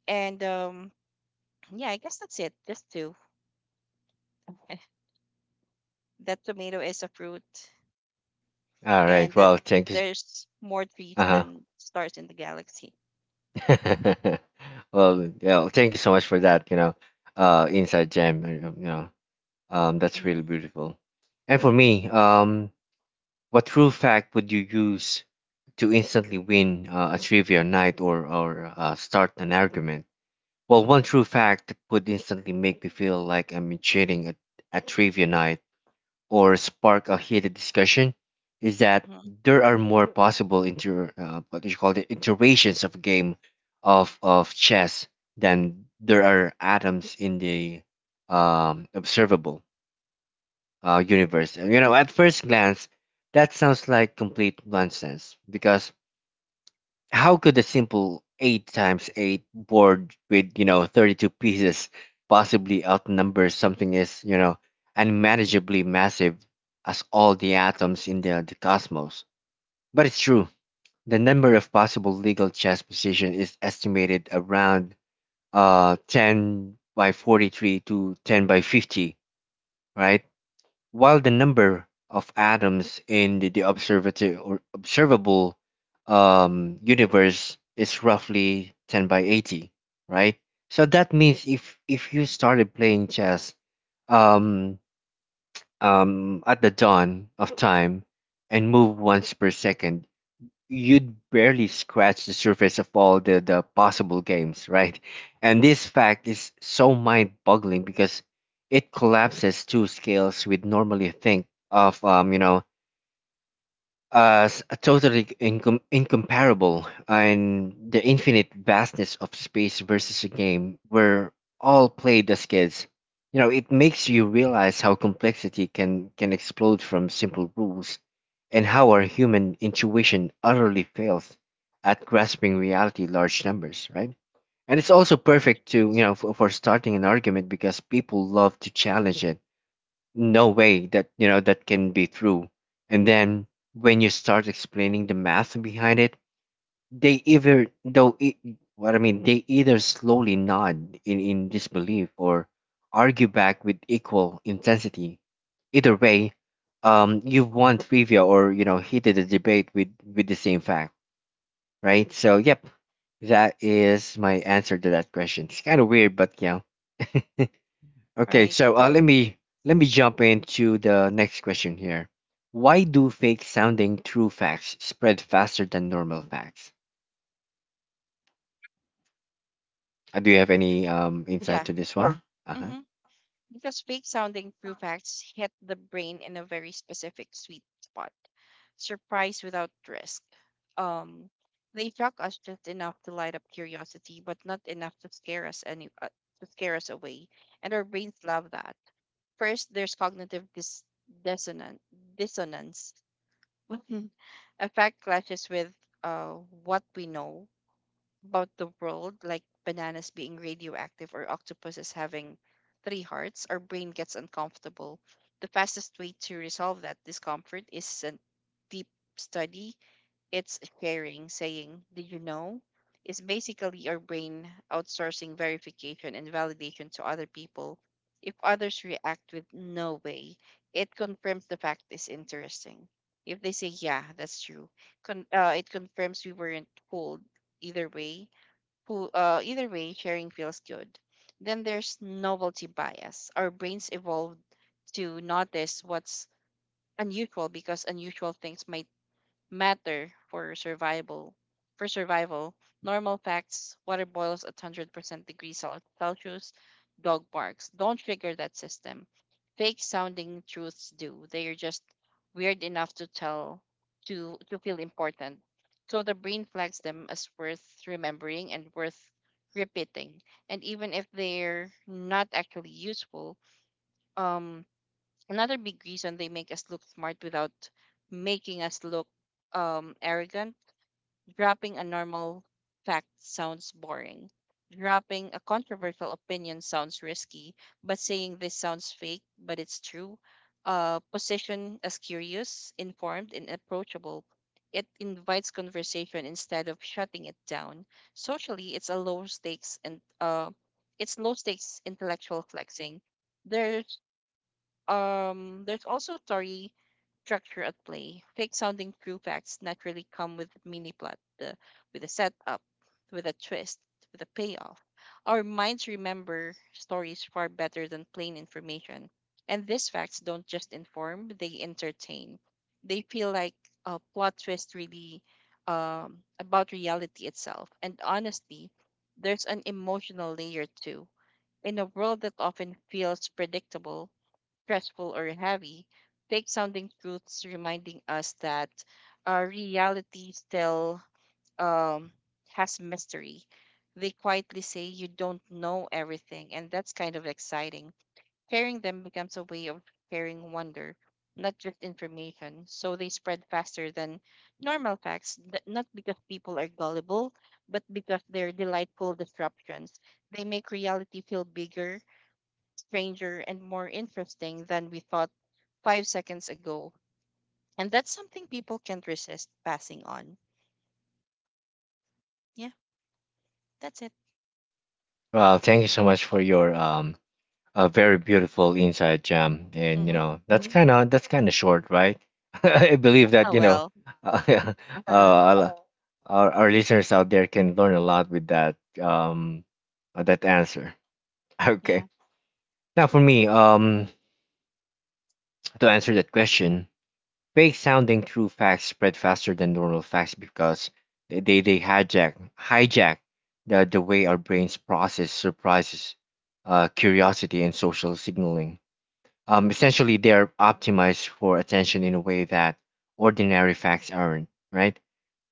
S2: And yeah, I guess that's it. Just two. That tomato is a fruit,
S1: All right,
S2: and that
S1: well, thank you.
S2: there's more trees
S1: Uh
S2: than stars in the galaxy.
S1: huh. Well, yeah, well, thank you so much for that. You know, inside jam. You know, that's
S2: Hmm.
S1: really beautiful. And for me, what true fact would you use to instantly win a trivia night, or start an argument? Well, one true fact that would instantly make me feel like I'm cheating at trivia night or spark a heated discussion is that
S2: Hmm.
S1: there are more possible inter what do you call it, iterations of a game of chess than there are atoms in the observable universe. And, you know, at first glance, that sounds like complete nonsense because how could a simple 8 times 8 board with, you know, 32 pieces possibly outnumber something as, you know, unmanageably massive as all the atoms in the cosmos? But it's true. The number of possible legal chess positions is estimated around 10 by 43 to 10 by 50, right? While the number of atoms in the observati- or observable universe is roughly 10 by 80, right? So that means if you started playing chess um, at the dawn of time and move once per second, you'd barely scratch the surface of all the possible games, right? And this fact is so mind boggling because it collapses two scales we'd normally think of, totally incomparable, and the infinite vastness of space versus a game where all played as kids. You know, it makes you realize how complexity can explode from simple rules and how our human intuition utterly fails at grasping reality large numbers, right? And it's also perfect to, you know, for starting an argument because people love to challenge it. No way that, you know, that can be true. And then when you start explaining the math behind it, they either though it, what I mean they either slowly nod in disbelief or argue back with equal intensity. Either way, um, you have won trivia, or, you know, heated a debate with the same fact, right? So, yep, that is my answer to that question. It's kind of weird, but yeah. Okay,
S2: Right.
S1: so let me jump into the next question here. Why do fake sounding true facts spread faster than normal facts? Do you have any insight
S2: Yeah.
S1: to this one? Uh-huh.
S2: Hmm. Because fake sounding true facts hit the brain in a very specific sweet spot. Surprise without risk. Um, they shock us just enough to light up curiosity, but not enough to scare us away. And our brains love that. First, there's cognitive dissonance, dissonance. A fact clashes with uh, what we know about the world, like bananas being radioactive or octopuses having three hearts. Our brain gets uncomfortable. The fastest way to resolve that discomfort is a deep study, it's sharing, saying, did you know, is basically our brain outsourcing verification and validation to other people. If others react with no way, it confirms the fact is interesting. If they say, yeah, that's true, it confirms we weren't fooled. Either way, sharing feels good. Then there's novelty bias. Our brains evolved to notice what's unusual because unusual things might matter for survival. For survival, normal facts: water boils at 100% degrees Celsius, dog barks. Don't trigger that system. Fake sounding truths do. They are just weird enough to tell to feel important. So the brain flags them as worth remembering and worth repeating. And even if they're not actually useful, um Another big reason, they make us look smart without making us look arrogant, dropping a normal fact sounds boring. Dropping a controversial opinion sounds risky, but saying this sounds fake, but it's true. Position as curious, informed, and approachable. It invites conversation instead of shutting it down. Socially, it's a low stakes and it's low stakes intellectual flexing. There's there's also story structure at play. Fake sounding true facts naturally come with a mini plot, with a setup, with a twist, with a payoff. Our minds remember stories far better than plain information. And these facts don't just inform, they entertain. They feel like a plot twist really about reality itself. And honestly, there's an emotional layer too. In a world that often feels predictable, stressful or heavy, fake sounding truths reminding us that our reality still um, has mystery. They quietly say you don't know everything, and that's kind of exciting. Sharing them becomes a way of sharing wonder, not just information. So they spread faster than normal facts, not because people are gullible, but because they're delightful disruptions. They make reality feel bigger, stranger, and more interesting than we thought 5 seconds ago. And that's something people can't resist passing on. Yeah, that's it.
S1: Well, thank you so much for your a very beautiful insight, Jam. And you
S2: Mm-hmm.
S1: know, that's kind of short, right? I believe that,
S2: Oh,
S1: you know,
S2: well.
S1: uh, uh, our listeners out there can learn a lot with that that answer. Okay.
S2: Yeah,
S1: Now for me, um, to answer that question, fake sounding true facts spread faster than normal facts because they hijack the way our brains process surprises, curiosity, and social signaling. Essentially, they are optimized for attention in a way that ordinary facts aren't, right?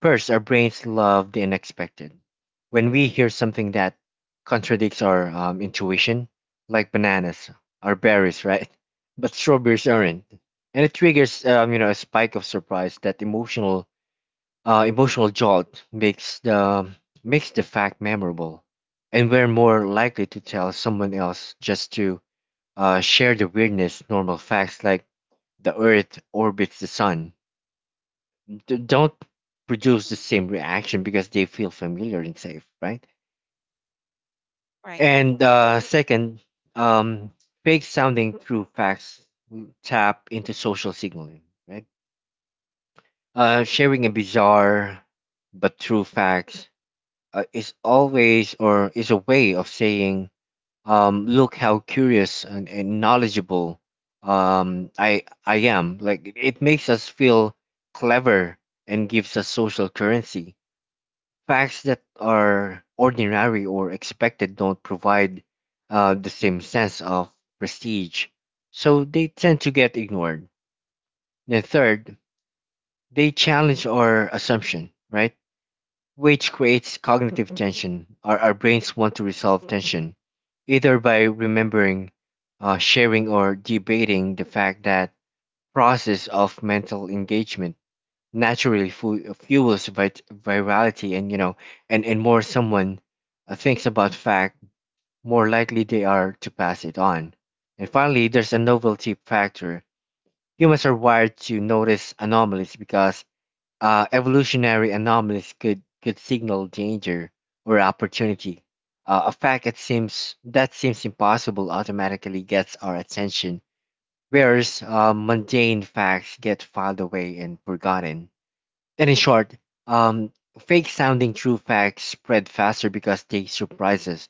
S1: First, our brains love the unexpected. When we hear something that contradicts our intuition, like bananas are berries, right? But strawberries aren't, and it triggers, you know, a spike of surprise. That emotional emotional jolt makes the fact memorable, and we're more likely to tell someone else just to share the weirdness. Normal facts like the earth orbits the sun don't produce the same reaction because they feel familiar and safe, right?
S2: right, right.
S1: And second, um, fake sounding true facts tap into social signaling, right? Sharing a bizarre but true facts is always or is a way of saying, um, look how curious and knowledgeable I am. Like, it makes us feel clever, and gives us social currency. Facts that are ordinary or expected don't provide the same sense of prestige, so they tend to get ignored. Then third, they challenge our assumption, right? Which creates cognitive tension. Our brains want to resolve tension, either by remembering, sharing, or debating the fact. That process of mental engagement naturally fuels virality. And you know, and more someone thinks about fact, more likely they are to pass it on. And finally, there's a novelty factor. Humans are wired to notice anomalies because, evolutionary anomalies could signal danger or opportunity. A fact that seems impossible automatically gets our attention, whereas mundane facts get filed away and forgotten. And in short, um, fake sounding true facts spread faster because they surprise us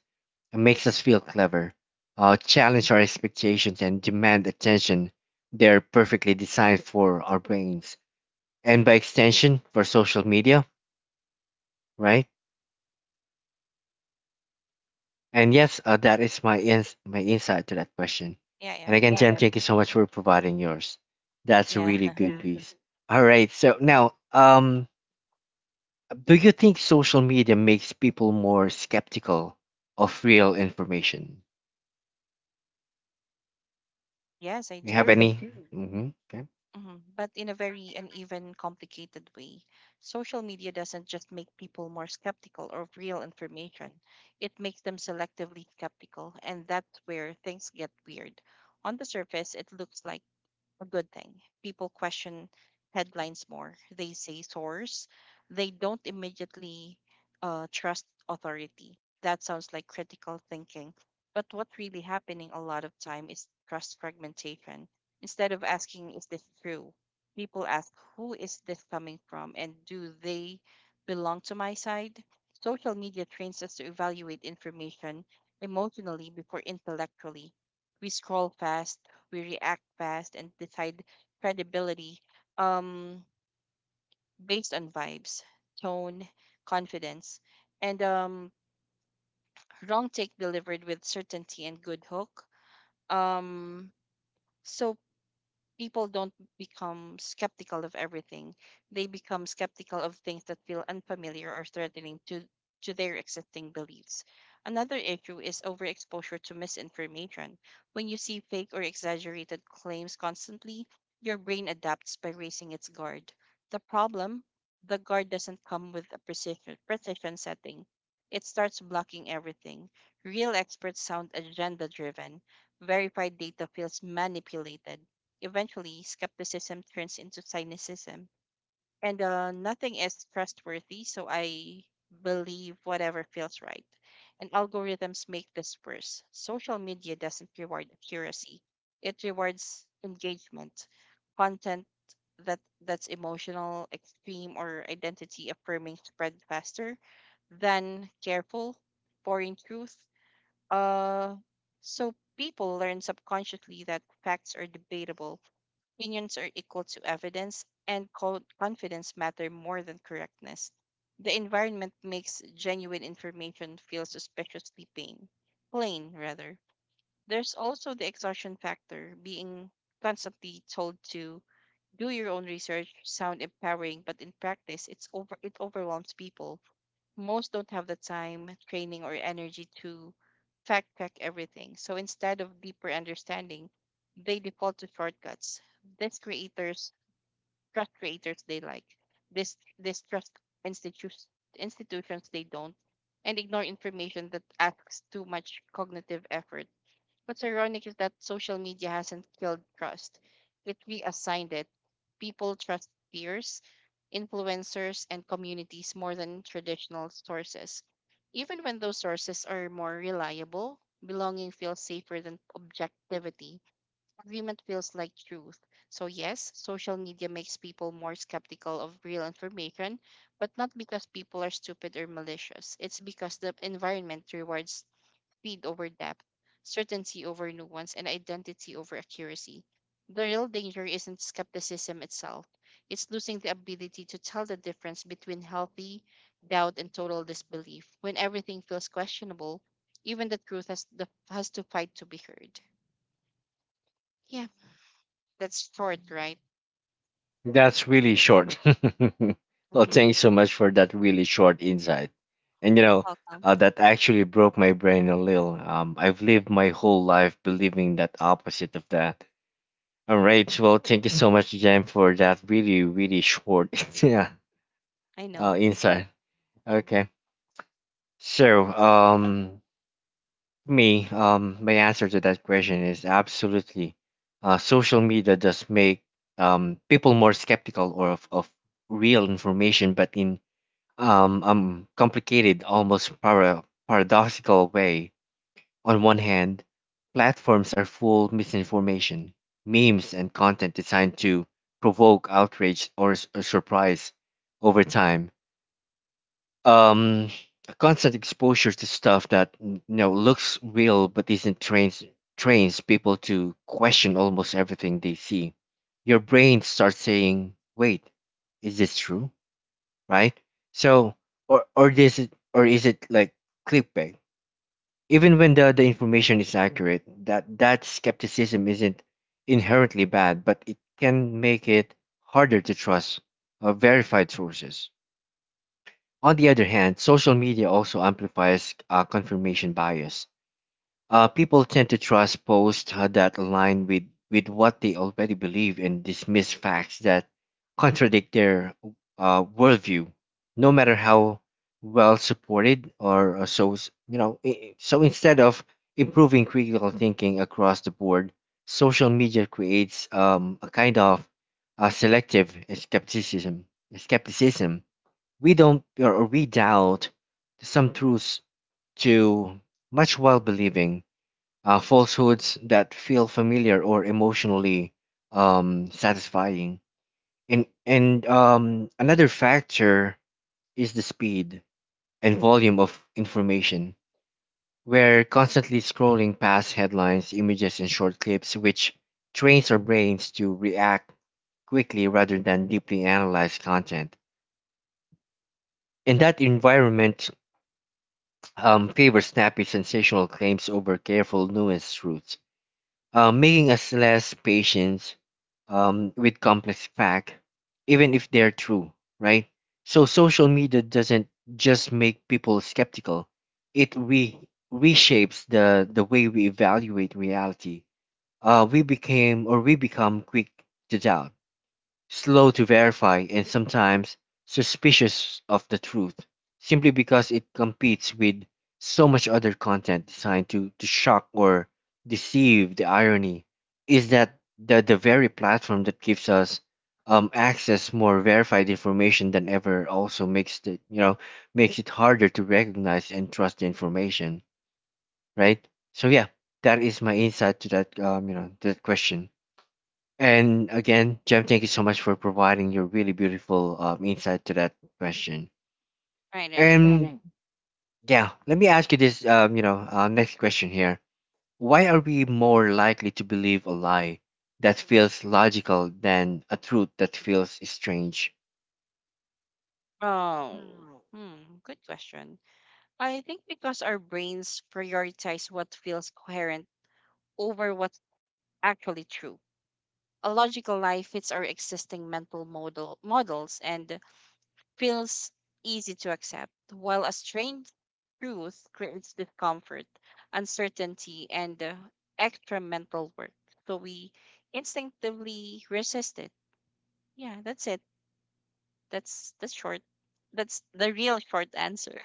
S1: and makes us feel clever, challenge our expectations and demand attention. They're perfectly designed for our brains and by extension for social media, right? And yes, that is my my insight to that question.
S2: Yeah, yeah.
S1: And again, Jem, yes,
S2: Mhm.
S1: thank you so much for providing yours. That's a
S2: Yeah.
S1: really good, yeah, piece. All right. So now, do you think social media makes people more skeptical of real information?
S2: Yes, I
S1: You have sure,
S2: do.
S1: any they any do hmm okay.
S2: Hmm. But in a very uneven, complicated way. Social media doesn't just make people more skeptical of real information, it makes them selectively skeptical. And that's where things get weird. On the surface, it looks like a good thing. People question headlines more. They say source. They don't immediately trust authority. That sounds like critical thinking. But what's really happening a lot of time is trust fragmentation. Instead of asking, is this true? People ask, who is this coming from, and do they belong to my side? Social media trains us to evaluate information emotionally before intellectually. We scroll fast, we react fast, and decide credibility um, based on vibes, tone, confidence, and wrong take delivered with certainty and good hook. Um, so people don't become skeptical of everything. They become skeptical of things that feel unfamiliar or threatening to their existing beliefs. Another issue is overexposure to misinformation. When you see fake or exaggerated claims constantly, your brain adapts by raising its guard. The problem, the guard doesn't come with a precision setting. It starts blocking everything. Real experts sound agenda driven. Verified data feels manipulated. Eventually, skepticism turns into cynicism, and nothing is trustworthy, so I believe whatever feels right. And algorithms make this worse. Social media doesn't reward accuracy, it rewards engagement, content that that's emotional, extreme, or identity affirming spread faster than careful, boring truth. Uh, so people learn subconsciously that facts are debatable, opinions are equal to evidence, and confidence matter more than correctness. The environment makes genuine information feel suspiciously plain. Plain, rather. There's also the exhaustion factor, being constantly told to do your own research sound empowering, but in practice, it overwhelms people. Most don't have the time, training, or energy to fact check everything. So instead of deeper understanding, they default to shortcuts. These creators, trust creators they like, this trust institutions institutions they don't, and ignore information that asks too much cognitive effort. What's ironic is that social media hasn't killed trust. It reassigned it. People trust peers, influencers, and communities more than traditional sources. Even when those sources are more reliable, belonging feels safer than objectivity. Agreement feels like truth. So, yes, social media makes people more skeptical of real information, but not because people are stupid or malicious. It's because the environment rewards speed over depth, certainty over nuance, and identity over accuracy. The real danger isn't skepticism itself, it's losing the ability to tell the difference between healthy doubt and total disbelief. When everything feels questionable, even the truth has to fight to be heard. Yeah, that's short, right?
S1: That's really short. Well, thank you so much for that really short insight. And you know,
S2: Welcome.
S1: that actually broke my brain a little. I've lived my whole life believing that opposite of that. All right. Well, thank you so much, Jen, for that really, really short, yeah,
S2: I know.
S1: insight. Okay. So, me, my answer to that question is absolutely. Social media does make people more skeptical or of real information, but in complicated, almost paradoxical way. On one hand, platforms are full of misinformation, memes, and content designed to provoke outrage or surprise over time. Um, a constant exposure to stuff that, you know, looks real but isn't trains people to question almost everything they see. Your brain starts saying, "Wait, is this true?" Right? So, or is it like clickbait? Even when the information is accurate, that skepticism isn't inherently bad, but it can make it harder to trust verified sources. On the other hand, social media also amplifies confirmation bias. People tend to trust posts that align with what they already believe, and dismiss facts that contradict their worldview, no matter how well supported you know, so instead of improving critical thinking across the board, social media creates, a kind of selective skepticism. Skepticism. We don't or we doubt some truths too much while believing falsehoods that feel familiar or emotionally satisfying. And another factor is the speed and volume of information. We're constantly scrolling past headlines, images, and short clips, which trains our brains to react quickly rather than deeply analyze content. And that environment, favors snappy, sensational claims over careful, nuanced truths, making us less patient, with complex facts, even if they're true, right? So social media doesn't just make people skeptical; it reshapes the way we evaluate reality. We became or we become quick to doubt, slow to verify, and sometimes suspicious of the truth, simply because it competes with so much other content designed to shock or deceive. The irony is that the very platform that gives us access more verified information than ever also makes the you know makes it harder to recognize and trust the information, right? So yeah, that is my insight to that that question. And again, Jem, thank you so much for providing your really beautiful insight to that question.
S2: Right, right.
S1: And yeah, let me ask you this. Next question here. Why are we more likely to believe a lie that feels logical than a truth that feels strange?
S2: Oh, hmm, good question. I think because our brains prioritize what feels coherent over what actually true. A logical lie fits our existing mental models and feels easy to accept, while a strange truth creates discomfort, uncertainty, and extra mental work. So we instinctively resist it. Yeah, that's it. That's the short. That's the real short answer.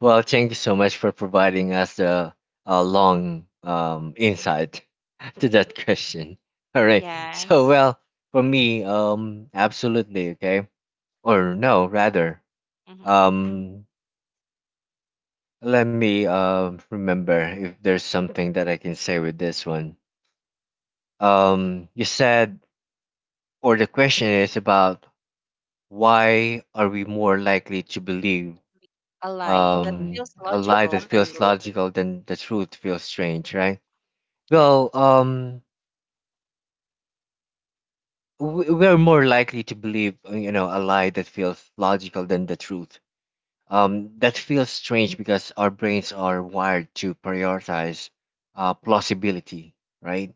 S1: Well, thank you so much for providing us the long
S2: Mm.
S1: insight to that question. All right. So,
S2: Yes.
S1: well, for me, absolutely, okay, or no, rather.
S2: Hmm.
S1: Um, Let me remember if there's something that I can say with this one. You said, or the question is about why are we more likely to believe
S2: A lie that feels
S1: a lie that
S2: logical, then.
S1: feels logical than the truth feels strange, right?
S2: Yep.
S1: Well, we're more likely to believe, a lie that feels logical than the truth. That feels strange because our brains are wired to prioritize plausibility, right?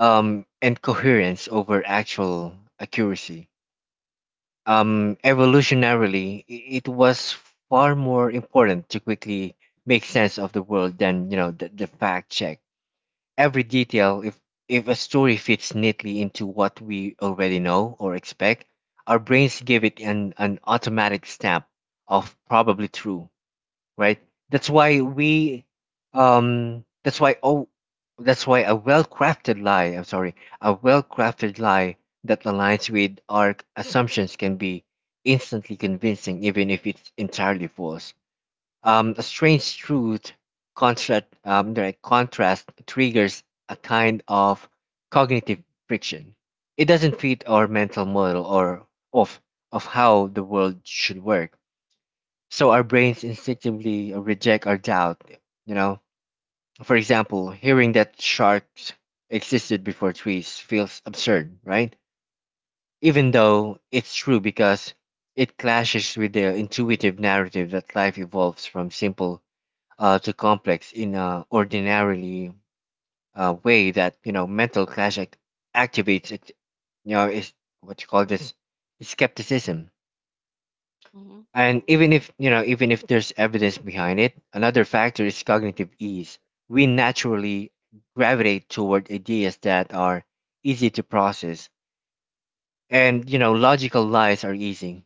S1: and coherence over actual accuracy. Evolutionarily, it was far more important to quickly make sense of the world than the fact check every detail. If a story fits neatly into what we already know or expect, our brains give it an automatic stamp of probably true, right? That's why we, um, that's why oh, that's why a well-crafted lie. I'm sorry, a well-crafted lie that aligns with our assumptions can be instantly convincing, even if it's entirely false. A strange truth contrast, The contrast triggers a kind of cognitive friction. It doesn't fit our mental model or of of how the world should work, so our brains instinctively reject our doubt, you know. For example, hearing that sharks existed before trees feels absurd, right? Even though it's true, because it clashes with the intuitive narrative that life evolves from simple to complex in a ordinarily way that, you know, mental clash activates, it, you know, is what you call this skepticism.
S2: Mm-hmm.
S1: And even if, you know, even if there's evidence behind it, another factor is cognitive ease. We naturally gravitate toward ideas that are easy to process. And, you know, logical lies are easy.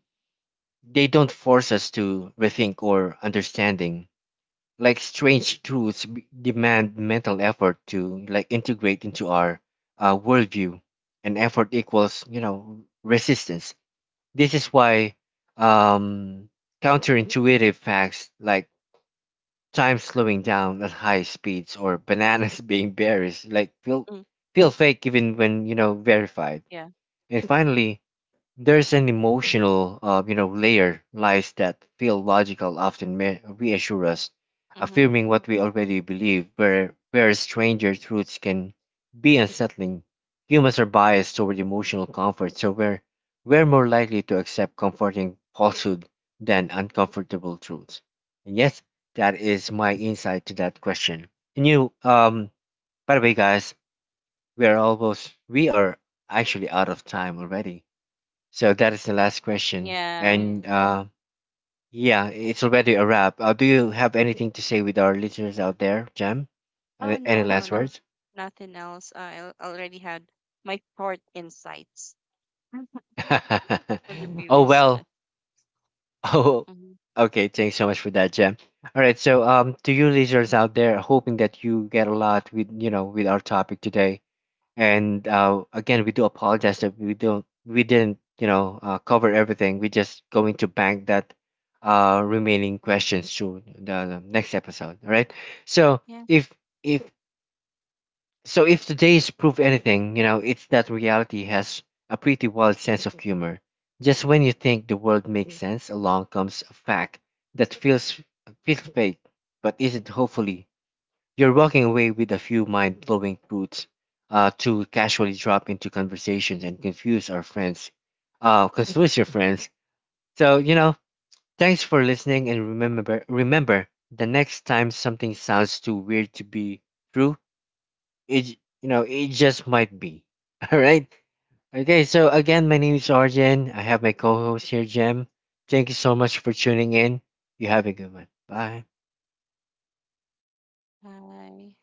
S1: They don't force us to rethink or understanding. Like strange truths demand mental effort to like integrate into our worldview, and effort equals, you know, resistance. This is why um, counterintuitive facts like time slowing down at high speeds or bananas being berries like
S2: Mm.
S1: feel fake even when you know verified.
S2: Yeah.
S1: And finally, there's an emotional, you know, layer lies that feel logical often reassure us,
S2: Mm-hmm.
S1: affirming what we already believe. Where stranger truths can be unsettling. Humans are biased toward emotional comfort, so we're more likely to accept comforting falsehood than uncomfortable truths. And yes, that is my insight to that question. And you, by the way, guys, we are actually out of time already. So that is the last question.
S2: Yeah.
S1: And yeah, it's already a wrap. Do you have anything to say with our listeners out there, Jam?
S2: Oh,
S1: Any
S2: no, no,
S1: last
S2: no.
S1: words?
S2: Nothing else. I already had my short insights from the
S1: Oh
S2: previous
S1: well.
S2: question.
S1: Oh,
S2: Hmm.
S1: okay. Thanks so much for that, Jam. All right. So to you listeners out there, hoping that you get a lot with you know with our topic today. And again, we do apologize that we didn't you know cover everything. We're just going to bank that remaining questions to the next episode. All right. So
S2: Yeah.
S1: if if if today's proof anything, you know, it's that reality has a pretty wild sense of humor. Just when you think the world makes sense, along comes a fact that feels fake, but isn't. Hopefully you're walking away with a few mind blowing truths to casually drop into conversations and confuse our friends. Confuse your friends. So, you know, thanks for listening and remember the next time something sounds too weird to be true, it, you know, it just might be. All right? Okay, so again, my name is Arjen. I have my co-host here, Jem. Thank you so much for tuning in. You have a good one. Bye.
S2: Bye.